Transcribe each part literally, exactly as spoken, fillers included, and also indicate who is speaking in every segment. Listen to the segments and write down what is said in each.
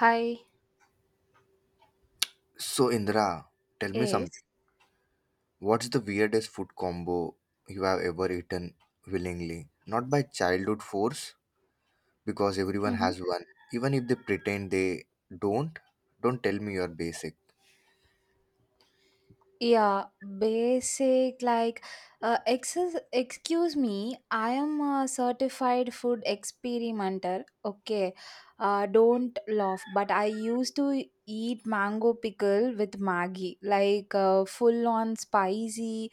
Speaker 1: Hi,
Speaker 2: So, Indra, tell me something.
Speaker 1: yes.
Speaker 2: What's the weirdest food combo you have ever eaten willingly? Not by childhood force, because everyone
Speaker 1: Mm-hmm.
Speaker 2: has one. Even if they pretend they don't. Don't tell me your basic.
Speaker 1: Yeah, basic like uh, excess, excuse me, I am a certified food experimenter. Okay. Uh, don't laugh, but I used to eat mango pickle with Maggi, like uh, full on spicy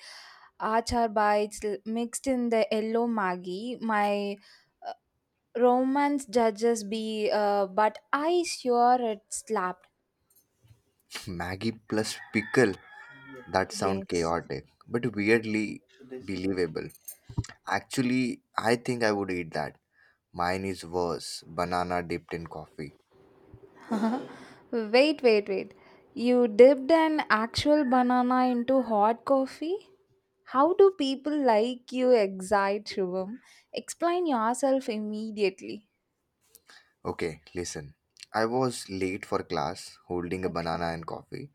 Speaker 1: achar bites l- mixed in the yellow Maggi. My uh, romance judges be uh, but I sure it slapped.
Speaker 2: Maggie plus pickle, that sound
Speaker 1: Yes.
Speaker 2: chaotic, but weirdly believable. Actually, I think I would eat that. Mine is worse, banana dipped in coffee.
Speaker 1: Wait, wait, wait. You dipped an actual banana into hot coffee? How do people like you excite, Shivam? Explain yourself immediately.
Speaker 2: Okay, listen. I was late for class, holding a
Speaker 1: Okay.
Speaker 2: banana and coffee.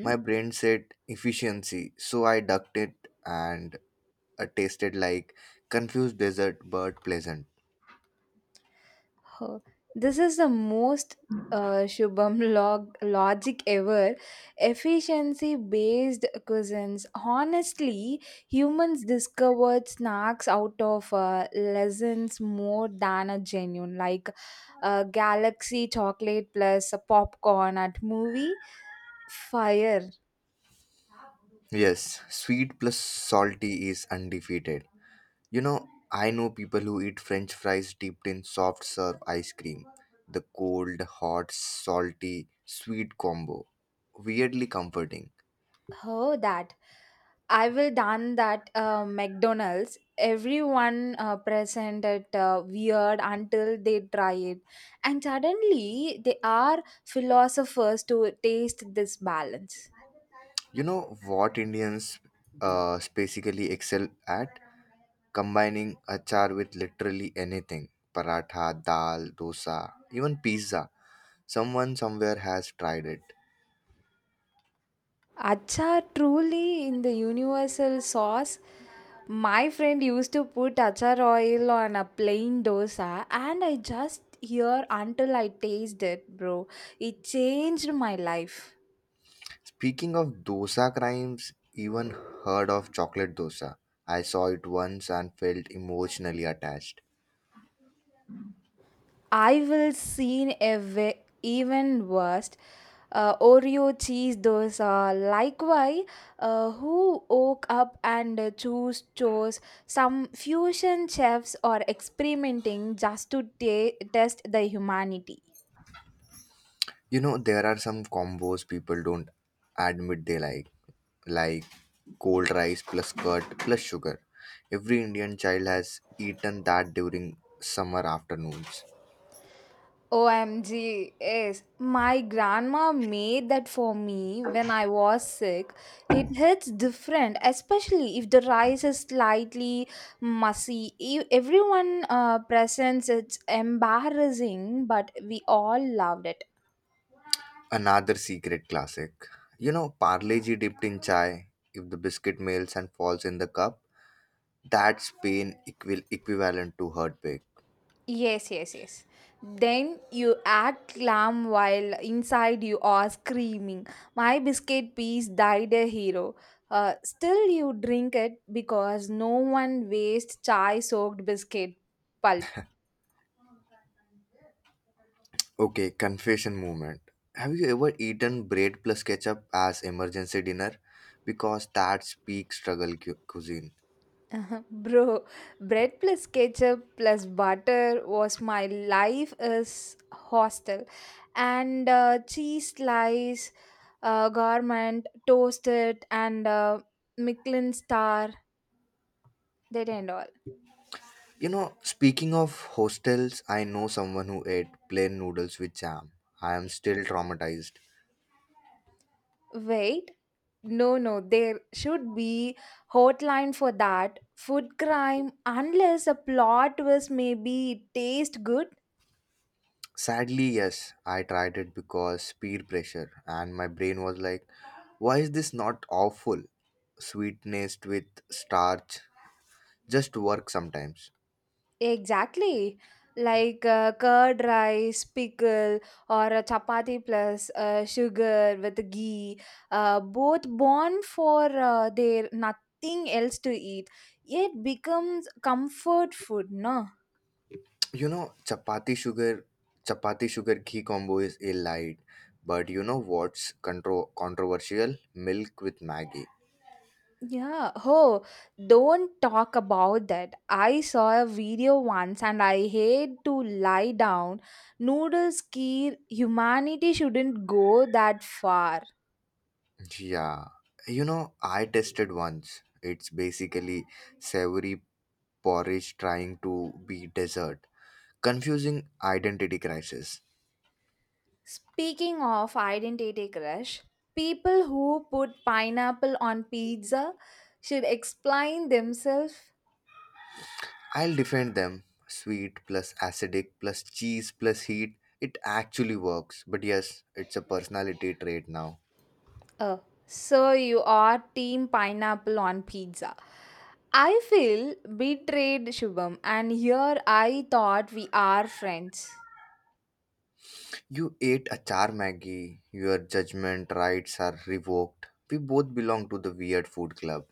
Speaker 2: My brain said efficiency, so I ducked it and it tasted like confused dessert but pleasant.
Speaker 1: Oh, this is the most uh, Shubham log- logic ever. Efficiency based cuisines. Honestly, humans discovered snacks out of uh, lessons more than a genuine, like uh, galaxy chocolate plus a popcorn at movie fire.
Speaker 2: Yes, sweet plus salty is undefeated. You know, I know people who eat french fries dipped in soft serve ice cream. The cold, hot, salty, sweet combo. Weirdly comforting.
Speaker 1: Oh, that. I will done that uh, McDonald's. Everyone uh, present it uh, weird until they try it, and suddenly they are philosophers to taste this balance.
Speaker 2: You know what Indians uh, basically excel at? Combining achar with literally anything paratha, dal, dosa, even pizza. Someone somewhere has tried it.
Speaker 1: Achar truly in the universal sauce. My friend used to put achar oil on a plain dosa, and I just hear until I taste it, bro. It changed my life.
Speaker 2: Speaking of dosa crimes, even heard of chocolate dosa. I saw it once and felt emotionally attached.
Speaker 1: I will seen a ve- Even worse. Uh, Oreo cheese dosa. Likewise, uh, who woke up and uh, choose chose some fusion chefs are experimenting just to ta- test the humanity.
Speaker 2: You know, there are some combos people don't admit they like, like cold rice plus curd plus sugar. Every Indian child has eaten that during summer afternoons.
Speaker 1: O M G, yes. My grandma made that for me when I was sick. It hits different, especially if the rice is slightly messy. E- Everyone uh, presents it's embarrassing, but we all loved it.
Speaker 2: Another secret classic. You know, Parleji dipped in chai. If the biscuit melts and falls in the cup, that's pain equal equivalent to heartbreak.
Speaker 1: Yes, yes, yes. Then you act calm while inside you are screaming, my biscuit piece died a hero. Uh, still, you drink it because no one wastes chai soaked biscuit pulp.
Speaker 2: Okay, confession moment. Have you ever eaten bread plus ketchup as emergency dinner? Because that's peak struggle cu- cuisine.
Speaker 1: Bro, bread plus ketchup plus butter was my life is hostel. And uh, cheese slice, uh, garment, toasted, and uh, Michelin star, that and all.
Speaker 2: You know, speaking of hostels, I know someone who ate plain noodles with jam. I am still traumatized.
Speaker 1: Wait, no, no, there should be hotline for that. Food crime, unless a plot was maybe taste good.
Speaker 2: Sadly, yes, I tried it because peer pressure, and my brain was like, why is this not awful? Sweetness with starch just work sometimes.
Speaker 1: Exactly. Like uh, curd rice, pickle, or a chapati plus uh, sugar with ghee. Uh, both born for uh, their nothing else to eat, yet becomes comfort food, no?
Speaker 2: You know, chapati sugar, chapati sugar ghee combo is a light, but you know what's contro- controversial? Milk with Maggie.
Speaker 1: Yeah. Oh, don't talk about that. I saw a video once and I hate to lie down. Noodles kir humanity shouldn't go that far.
Speaker 2: Yeah, you know, I tested once. It's basically savory porridge trying to be dessert. Confusing identity crisis.
Speaker 1: Speaking of identity crush, people who put pineapple on pizza should explain themselves.
Speaker 2: I'll defend them. Sweet plus acidic plus cheese plus heat. It actually works. But yes, it's a personality trait now.
Speaker 1: Oh, so you are team pineapple on pizza. I feel betrayed, Shubham, and here I thought we are friends.
Speaker 2: You ate a char Maggie. Your judgment rights are revoked. We both belong to the weird food club.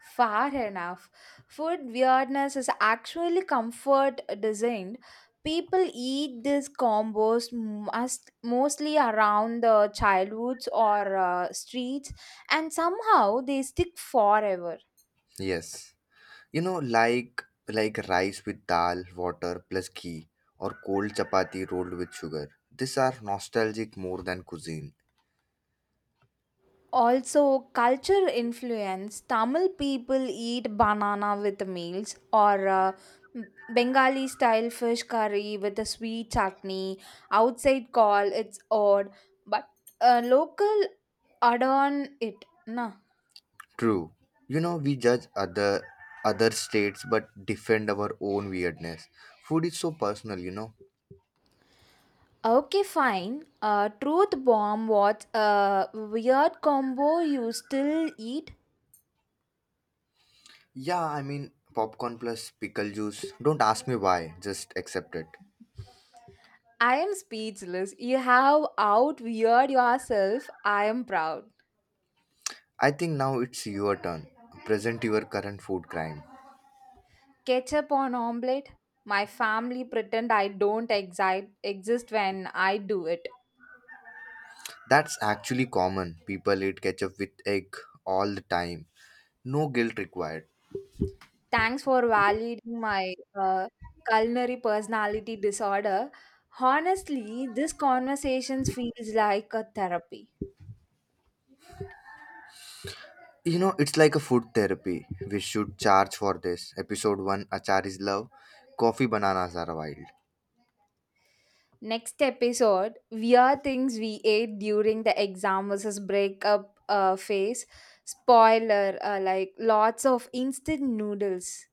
Speaker 1: Far enough. Food weirdness is actually comfort designed. People eat these combos must, mostly around the childhoods or uh, streets, and somehow they stick forever.
Speaker 2: Yes. You know, like like rice with dal, water plus ghee, or cold chapati rolled with sugar. These are nostalgic more than cuisine.
Speaker 1: Also, culture influence Tamil people eat banana with meals or uh, Bengali style fish curry with a sweet chutney. Outside call it's odd, but uh, local add on it. Nah.
Speaker 2: True. You know, we judge other other states but defend our own weirdness. Food is so personal, you know.
Speaker 1: Okay, fine. Uh, truth bomb. What a weird combo you still eat?
Speaker 2: Yeah, I mean popcorn plus pickle juice. Don't ask me why, just accept it.
Speaker 1: I am speechless. You have out weird yourself. I am proud.
Speaker 2: I think now it's your turn. Present your current food crime.
Speaker 1: Ketchup on omelette? My family pretend I don't exi- exist when I do it.
Speaker 2: That's actually common. People eat ketchup with egg all the time. No guilt required.
Speaker 1: Thanks for validating my uh, culinary personality disorder. Honestly, this conversation feels like a therapy.
Speaker 2: You know, it's like a food therapy. We should charge for this. Episode one: Achar is love. Coffee bananas are wild.
Speaker 1: Next episode, weird things we ate during the exam versus breakup uh, phase. Spoiler, uh, like lots of instant noodles.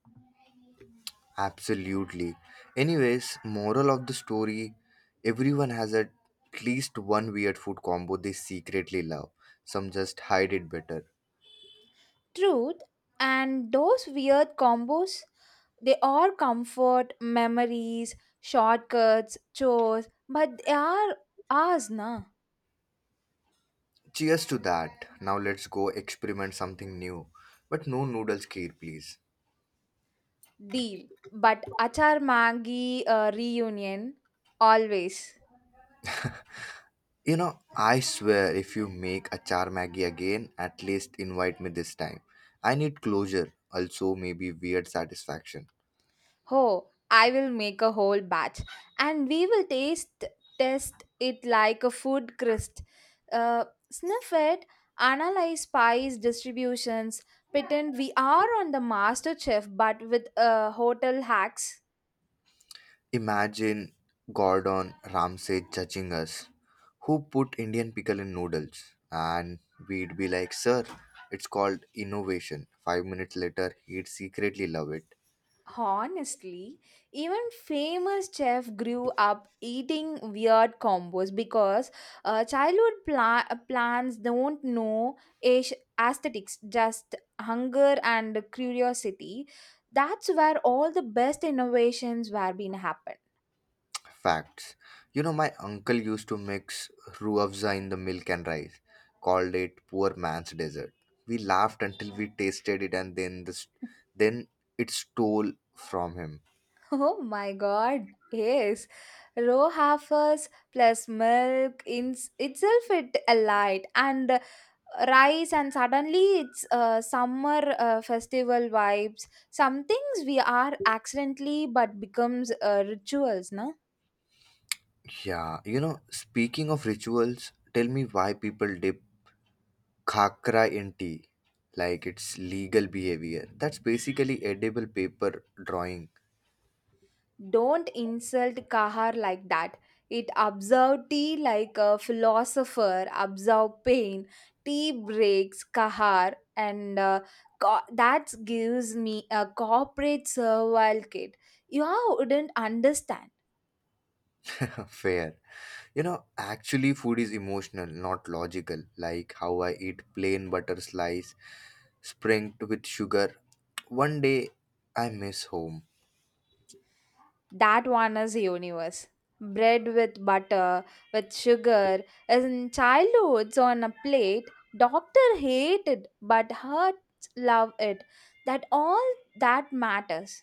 Speaker 2: Absolutely. Anyways, moral of the story, everyone has at least one weird food combo they secretly love. Some just hide it better.
Speaker 1: Truth, and those weird combos, they are comfort, memories, shortcuts, chores, but they are ours na.
Speaker 2: Cheers to that. Now let's go experiment something new. But no noodles kheer, please.
Speaker 1: Deal. But achar Maggi uh, reunion always.
Speaker 2: You know, I swear if you make achar maggi again, at least invite me this time. I need closure, also maybe weird satisfaction.
Speaker 1: Oh, I will make a whole batch and we will taste test it like a food crust. Uh, Sniff it, analyze spice distributions, pretend we are on the master chef but with uh, hotel hacks.
Speaker 2: Imagine Gordon Ramsay judging us. Who put Indian pickle in noodles? And we'd be like, Sir, it's called innovation. Five minutes later, he'd secretly love it.
Speaker 1: Honestly, even famous chef grew up eating weird combos because uh, childhood pla- plans don't know aes- aesthetics, just hunger and curiosity. That's where all the best innovations were being happen.
Speaker 2: Facts. You know, my uncle used to mix ruafza in the milk and rice, called it poor man's dessert. We laughed until we tasted it, and then this, then it stole from him.
Speaker 1: Oh my god, yes. Raw heifers plus milk in itself it alight and rice and suddenly it's uh, summer uh, festival vibes some things we are accidentally but becomes uh, rituals no.
Speaker 2: Yeah, you know, speaking of rituals, tell me why people dip khakra in tea like it's legal behavior. That's basically edible paper drawing.
Speaker 1: Don't insult kahar like that. It observe tea like a philosopher observe pain. Tea breaks kahar and uh, co- that gives me a corporate survival kit you wouldn't understand.
Speaker 2: Fair. You know, actually food is emotional, not logical, like how I eat plain butter slice sprinkled with sugar one day I miss home.
Speaker 1: That one is universe. Bread with butter, with sugar, as in childhoods on a plate. Doctor hated, but hearts love it. That all that matters.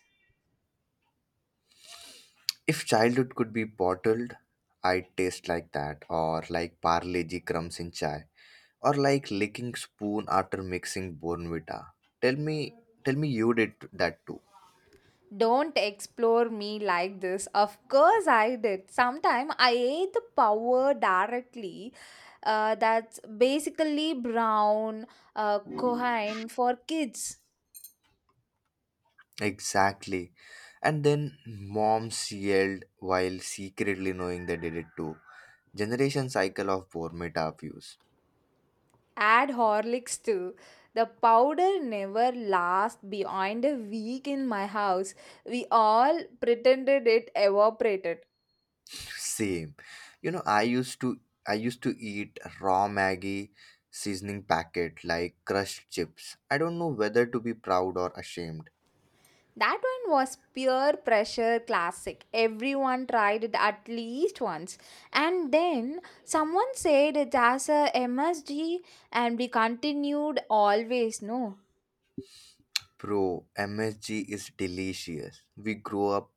Speaker 2: If childhood could be bottled, I'd taste like that, or like parleji crumbs in chai, or like licking spoon after mixing bonvita. Tell me tell me you did that too.
Speaker 1: Don't explore me like this. Of course, I did. Sometime I ate the power directly. Uh, that's basically brown uh, cohen for kids.
Speaker 2: Exactly. And then moms yelled while secretly knowing they did it too. Generation cycle of poor meta views.
Speaker 1: Add Horlicks too. The powder never lasts beyond a week in my house. We all pretended it evaporated.
Speaker 2: Same. You know, I used to I used to eat raw Maggie seasoning packet like crushed chips. I don't know whether to be proud or ashamed.
Speaker 1: That one was pure pressure classic. Everyone tried it at least once. And then someone said it as a M S G and we continued always, no.
Speaker 2: Bro, M S G is delicious. We grow up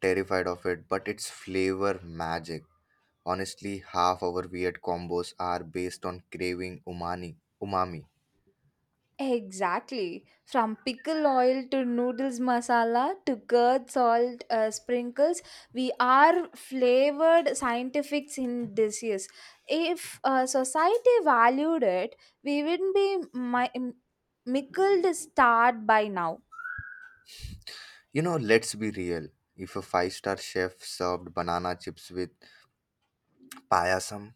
Speaker 2: terrified of it, but it's flavor magic. Honestly, half our weird combos are based on craving umani, umami.
Speaker 1: Exactly. From pickle oil to noodles masala to curd salt uh, sprinkles, we are flavored scientifics in dishes. If uh, society valued it, we wouldn't be mi- m- mickled starved by now.
Speaker 2: You know, let's be real. If a five star chef served banana chips with payasam,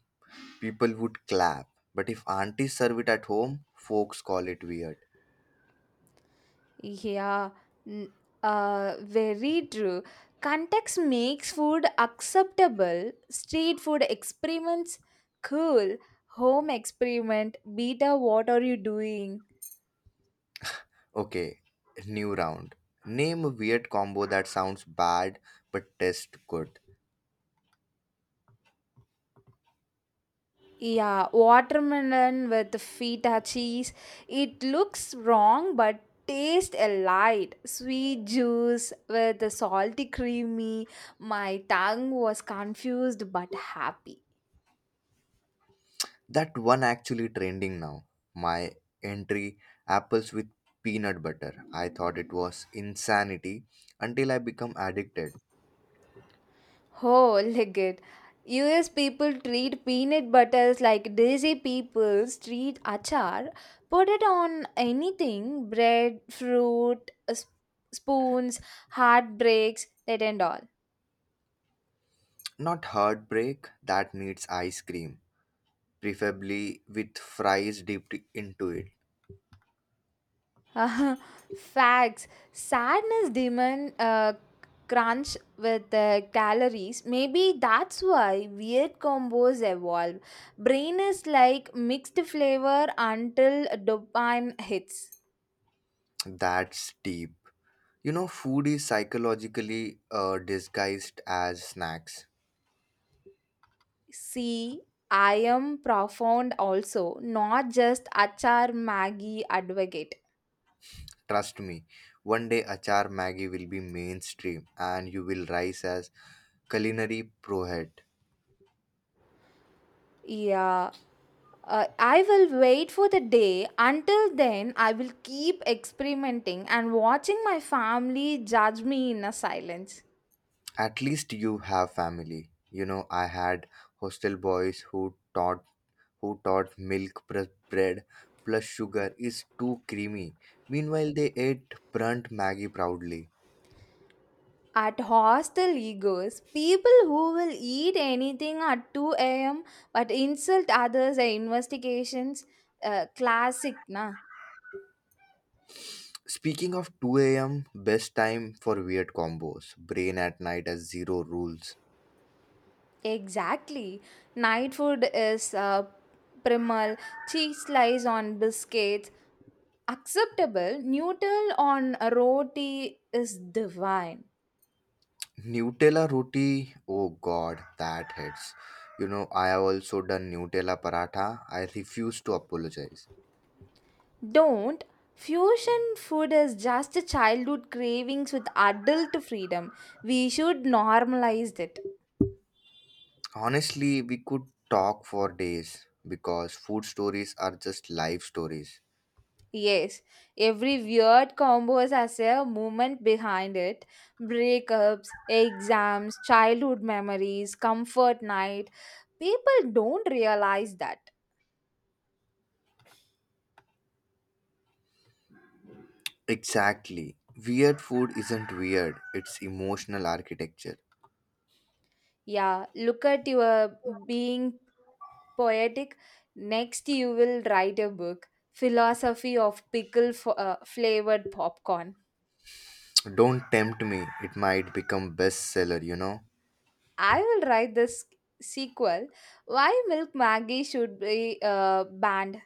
Speaker 2: people would clap. But if auntie serve it at home, folks call it weird.
Speaker 1: Yeah, n- uh, very true. Context makes food acceptable. Street food experiments, cool. Home experiment, beta, what are you doing?
Speaker 2: Okay, new round. Name a weird combo that sounds bad but tastes good.
Speaker 1: Yeah, watermelon with feta cheese. It looks wrong but tastes light. Sweet juice with the salty creamy. My tongue was confused but happy.
Speaker 2: That one actually trending now. My entry: apples with peanut butter. I thought it was insanity until I become addicted.
Speaker 1: Oh, look it. U S people treat peanut butters like desi people treat achar. Put it on anything bread, fruit, s- spoons, heartbreaks, that and all.
Speaker 2: Not heartbreak that needs ice cream preferably with fries dipped into it.
Speaker 1: Uh, Facts. Sadness demand uh, crunch with uh, calories. Maybe that's why weird combos evolve. Brain is like mixed flavor until dopamine hits.
Speaker 2: That's deep. You know, food is psychologically uh, disguised as snacks.
Speaker 1: See, I am profound also, not just Achar Maggie advocate.
Speaker 2: Trust me, one day achar Maggi will be mainstream and you will rise as culinary prohead.
Speaker 1: Yeah, uh, I will wait for the day. Until then, I will keep experimenting and watching my family judge me in a silence.
Speaker 2: At least you have family. You know, I had hostel boys who taught who taught milk plus bread plus sugar is too creamy. Meanwhile, they ate burnt Maggi proudly.
Speaker 1: At hostel egos, people who will eat anything at two a m but insult others at investigations, uh, classic na.
Speaker 2: Speaking of two a m, best time for weird combos. Brain at night as zero rules.
Speaker 1: Exactly. Night food is uh, primal, cheese slice on biscuits, acceptable, noodle on a roti is divine.
Speaker 2: Nutella roti, oh god, that hits. You know, I have also done Nutella paratha. I refuse to apologize.
Speaker 1: Don't. Fusion food is just a childhood cravings with adult freedom. We should normalize it.
Speaker 2: Honestly, we could talk for days because food stories are just life stories.
Speaker 1: Yes, every weird combo has a movement behind it. Breakups, exams, childhood memories, comfort night. People don't realize that.
Speaker 2: Exactly. Weird food isn't weird, it's emotional architecture.
Speaker 1: Yeah, look at your being poetic. Next, you will write a book, Philosophy of Pickle f- uh, Flavored Popcorn.
Speaker 2: Don't tempt me, it might become bestseller, you know.
Speaker 1: I will write this sequel, why Milk Maggie should be uh, banned.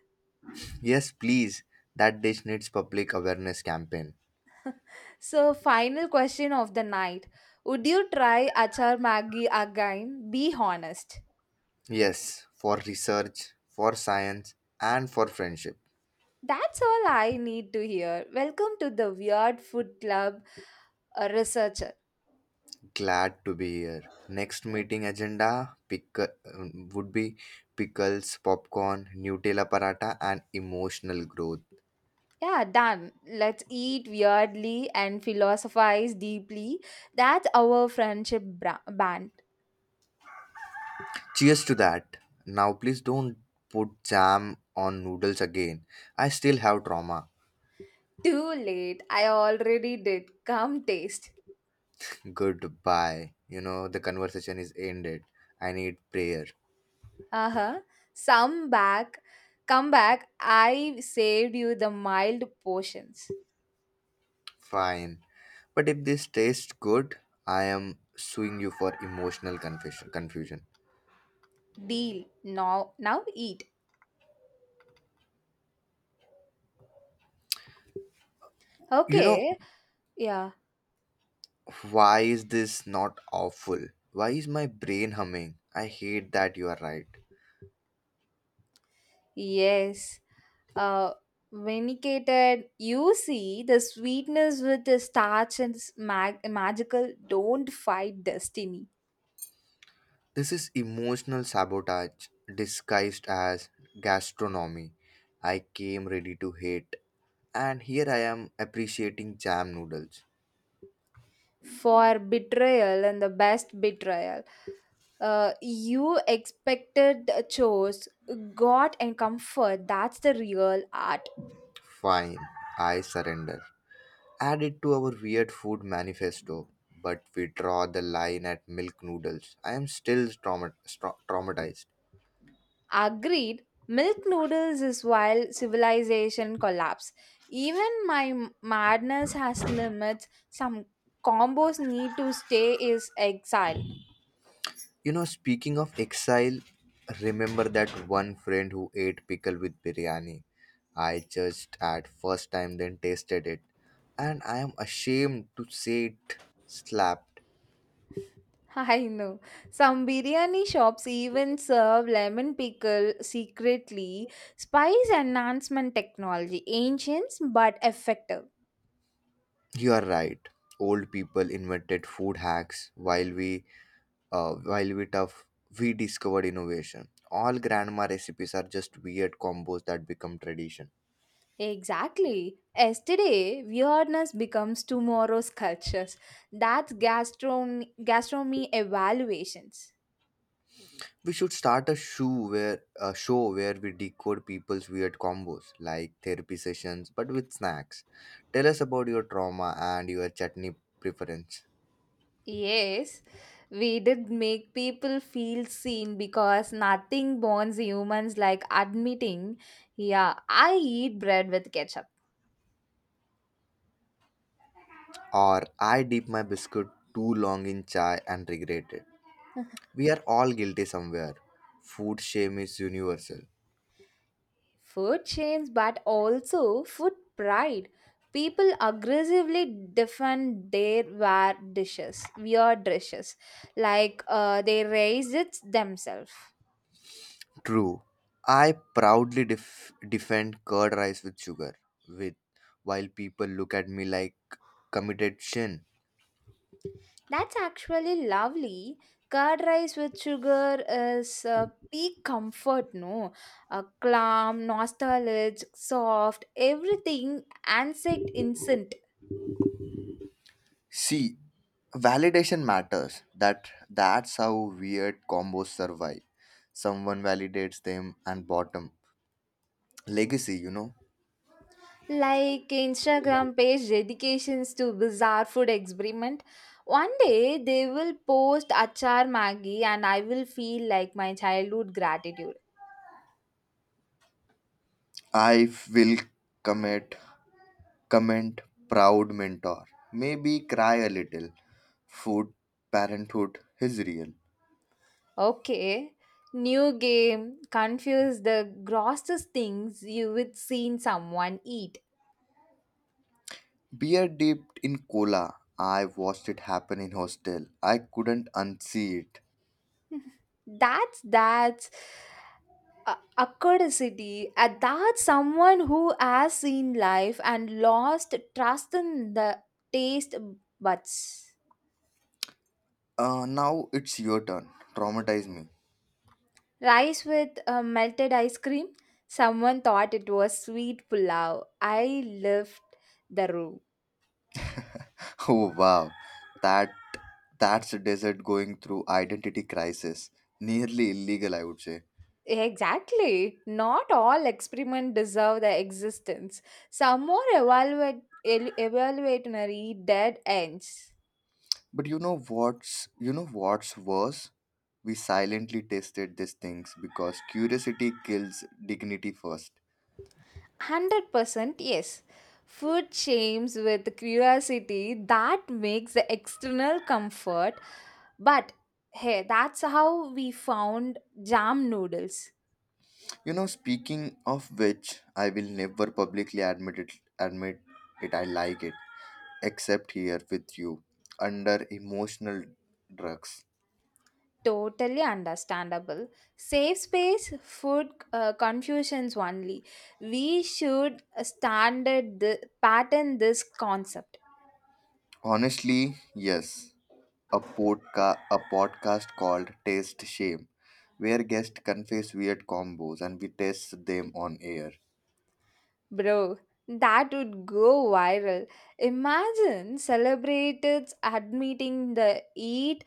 Speaker 2: Yes, please. That dish needs public awareness campaign.
Speaker 1: So, final question of the night. Would you try Achar Maggi again? Be honest.
Speaker 2: Yes, for research, for science, and for friendship.
Speaker 1: That's all I need to hear. Welcome to the Weird Food Club uh, researcher.
Speaker 2: Glad to be here. Next meeting agenda pick, um, would be pickles, popcorn, Nutella paratha, and emotional growth.
Speaker 1: Yeah, done. Let's eat weirdly and philosophize deeply. That's our friendship bra- band.
Speaker 2: Cheers to that. Now, please don't put jam on noodles again. I still have trauma.
Speaker 1: Too late. I already did. Come taste.
Speaker 2: Goodbye. You know, the conversation is ended. I need prayer.
Speaker 1: Uh huh. Some back. Come back. I saved you the mild portions.
Speaker 2: Fine. But if this tastes good, I am suing you for emotional confusion. Confusion.
Speaker 1: Deal. Now now eat.
Speaker 2: You know,
Speaker 1: Okay. Yeah.
Speaker 2: why is this not awful? Why is my brain humming? I hate that you are right.
Speaker 1: Yes. Uh vinicated. You see the sweetness with the starch and s- mag- magical don't fight destiny.
Speaker 2: This is emotional sabotage disguised as gastronomy. I came ready to hate, and here I am appreciating jam noodles.
Speaker 1: For betrayal and the best betrayal. Uh, you expected the chose, got and comfort. That's the real art.
Speaker 2: Fine, I surrender. Added to our weird food manifesto, but we draw the line at milk noodles. I am still trauma- stra- traumatized.
Speaker 1: Agreed, milk noodles is wild civilization collapse. Even my m- madness has limits. Some combos need to stay is exile.
Speaker 2: You know, speaking of exile, remember that one friend who ate pickle with biryani? I judged at first time, then tasted it, and I am ashamed to say it slapped.
Speaker 1: I know. Some biryani shops even serve lemon pickle secretly. Spice enhancement technology, ancient but effective.
Speaker 2: You are right. Old people invented food hacks while we uh, while we tough we discovered innovation. All grandma recipes are just weird combos that become tradition.
Speaker 1: Exactly. Yesterday, weirdness becomes tomorrow's cultures. That's gastron- gastronomy evaluations.
Speaker 2: We should start a show where a show where we decode people's weird combos like therapy sessions but with snacks. Tell us about your trauma and your chutney preference.
Speaker 1: Yes, we did make people feel seen because nothing bonds humans like admitting, yeah, I eat bread with ketchup.
Speaker 2: Or I dip my biscuit too long in chai and regret it. We are all guilty somewhere. Food shame is universal.
Speaker 1: Food chains, but also food pride. People aggressively defend their weird dishes, weird dishes, like uh, they raise it themselves.
Speaker 2: True. I proudly def- defend curd rice with sugar, with while people look at me like committed sin.
Speaker 1: That's actually lovely. Curd rice with sugar is uh, peak comfort, no? Uh, calm, nostalgic, soft, everything, insect instant.
Speaker 2: See, validation matters. That that's how weird combos survive. Someone validates them and bottom legacy. You know,
Speaker 1: Like Instagram page dedications to bizarre food experiment. One day they will post achar maggi and I will feel like my childhood gratitude.
Speaker 2: I will commit comment proud mentor. Maybe cry a little. Food parenthood is real.
Speaker 1: Okay, new game. Confuse the grossest things you would seen someone eat.
Speaker 2: Beer dipped in cola. I watched it happen in hostel. I couldn't unsee it.
Speaker 1: that's that's a, a curiosity uh, that's someone who has seen life and lost trust in the taste buds.
Speaker 2: Uh, now it's your turn. Traumatize me.
Speaker 1: Rice with uh, melted ice cream, someone thought it was sweet pulao. I left the room.
Speaker 2: Oh wow, that that's a desert going through identity crisis. Nearly illegal, I would say.
Speaker 1: Exactly, not all experiments deserve their existence. Some more evaluate el- evaluationary dead ends.
Speaker 2: But you know what's you know what's worse? We silently tested these things because curiosity kills dignity first.
Speaker 1: one hundred percent yes. Food shames with curiosity that makes the external comfort. But hey, that's how we found jam noodles.
Speaker 2: You know, speaking of which, I will never publicly admit it admit it I like it, except here with you, under emotional drugs.
Speaker 1: Totally understandable. Safe space, food uh, confusions only. We should standard the, pattern this concept,
Speaker 2: Honestly, yes. A podca- a podcast called Taste Shame, where guests confess weird combos and we taste them on air.
Speaker 1: bro. That would go viral. Imagine celebrities admitting the eat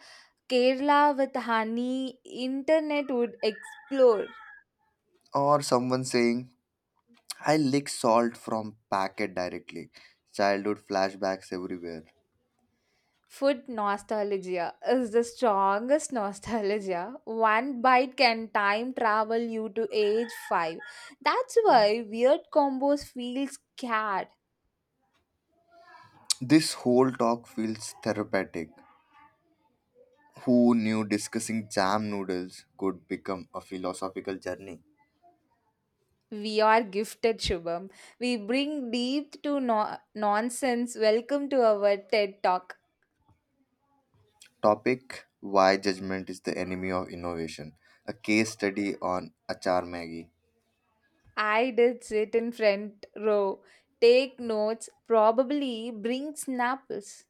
Speaker 1: Kerala with honey, internet would explore.
Speaker 2: Or someone saying, I lick salt from packet directly. Childhood flashbacks everywhere.
Speaker 1: Food nostalgia is the strongest nostalgia. One bite can time travel you to age five. That's why weird combos feel scared.
Speaker 2: This whole talk feels therapeutic. Who knew discussing jam noodles could become a philosophical journey?
Speaker 1: We are gifted, Shubham. We bring deep to no- nonsense. Welcome to our TED Talk.
Speaker 2: Topic: Why Judgment is the Enemy of Innovation. A case study on Achar Maggie.
Speaker 1: I did sit in front row, take notes, probably bring snapples.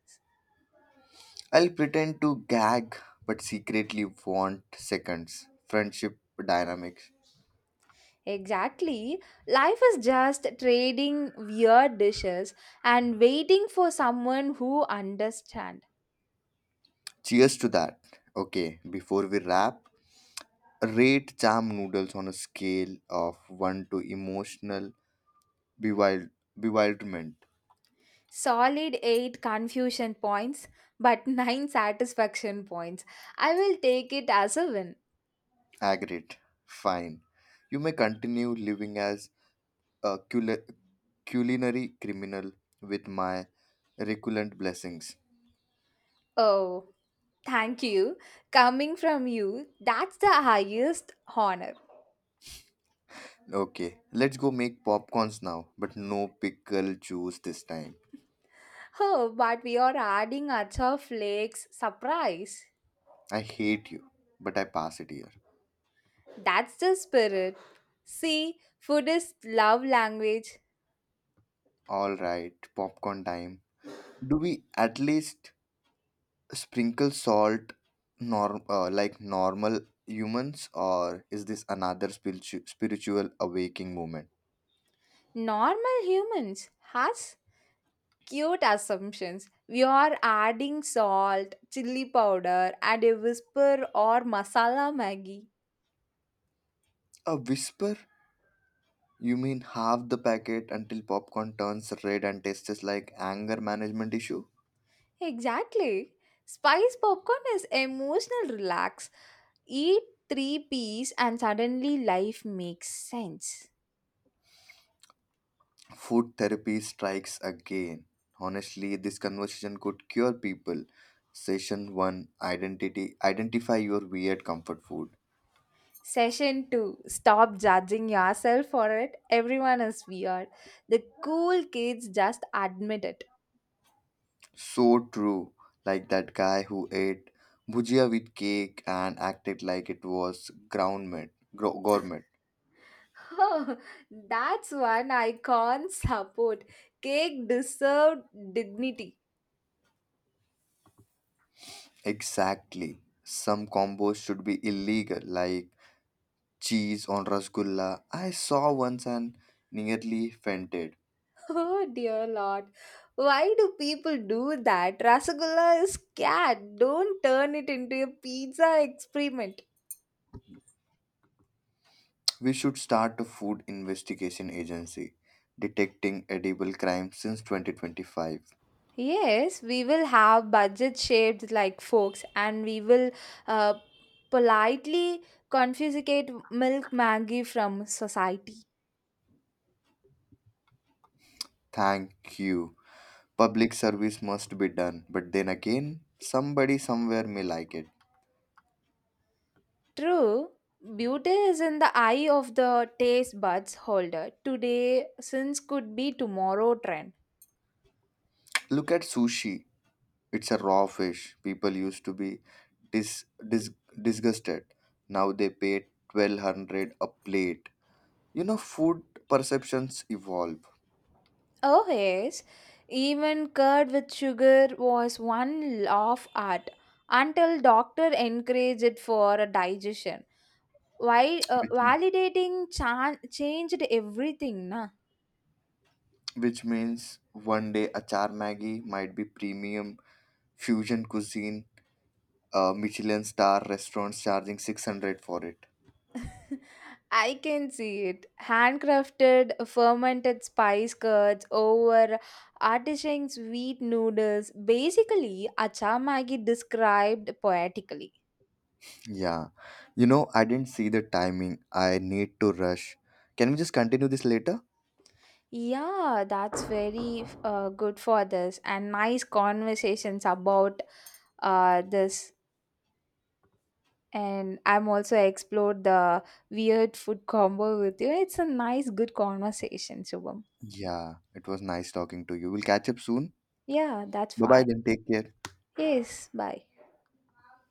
Speaker 2: I'll pretend to gag but secretly want seconds. Friendship dynamics.
Speaker 1: Exactly. Life is just trading weird dishes and waiting for someone who understand.
Speaker 2: Cheers to that. Okay, before we wrap, rate jam noodles on a scale of one to emotional bewild- bewilderment.
Speaker 1: Solid eight confusion points but nine satisfaction points. I will take it as a win.
Speaker 2: Aggregate. Fine. You may continue living as a cul- culinary criminal with my recurrent blessings.
Speaker 1: Oh, thank you. Coming from you, that's the highest honor.
Speaker 2: Okay, let's go make popcorns now, but no pickle juice this time.
Speaker 1: Oh, but we are adding acha flakes surprise.
Speaker 2: I hate you, but I pass it here.
Speaker 1: That's the spirit. See, food is love language.
Speaker 2: Alright, popcorn time. Do we at least sprinkle salt norm uh, like normal humans, or is this another spiritu- spiritual awakening moment?
Speaker 1: Normal humans has cute assumptions, we are adding salt chili powder and a whisper or masala maggi.
Speaker 2: A whisper? You mean half the packet until popcorn turns red and tastes like anger management issue?
Speaker 1: Exactly, spice popcorn is emotional relax. Eat three peas and suddenly life makes sense.
Speaker 2: Food therapy strikes again. Honestly, this conversation could cure people. Session one: Identity Identify your weird comfort food.
Speaker 1: Session two, stop judging yourself for it, everyone is weird, the cool kids just admit it.
Speaker 2: So true. Like that guy who ate bhujia with cake and acted like it was ground meat, gro- gourmet.
Speaker 1: Oh, that's one I can't support. Cake deserved dignity.
Speaker 2: Exactly. Some combos should be illegal, like cheese on rasgulla. I saw once and nearly fainted.
Speaker 1: Oh dear lord. Why do people do that? Rasagulla is cat. Don't turn it into a pizza experiment.
Speaker 2: We should start a food investigation agency detecting edible crime since twenty twenty-five.
Speaker 1: Yes, we will have budget shaped like forks and we will uh, politely confiscate milk Maggie from society.
Speaker 2: Thank you. Public service must be done, but then again, somebody somewhere may like it.
Speaker 1: True, beauty is in the eye of the taste buds holder. Today, since could be tomorrow trend.
Speaker 2: Look at sushi. It's a raw fish. People used to be dis- dis- disgusted. Now they pay twelve hundred a plate. You know, food perceptions evolve.
Speaker 1: Oh yes, even curd with sugar was one laugh art until doctor encouraged it for a digestion. Why uh,
Speaker 2: Which
Speaker 1: validating chan- changed everything, na?
Speaker 2: which means one day achar Maggi might be premium fusion cuisine, uh, Michelin star restaurants charging six hundred for it.
Speaker 1: I can see it. Handcrafted fermented spice curds over artisan sweet noodles. Basically, achamagi described poetically.
Speaker 2: Yeah. You know, I didn't see the timing. I need to rush. Can we just continue this later?
Speaker 1: Yeah, that's very uh, good for this and nice conversations about uh, this. And I'm also explored the weird food combo with you. It's a nice, good conversation, Shubham.
Speaker 2: Yeah, it was nice talking to you. We'll catch up soon.
Speaker 1: Yeah, that's
Speaker 2: Bye bye
Speaker 1: fine.
Speaker 2: then. Take care.
Speaker 1: Yes, bye.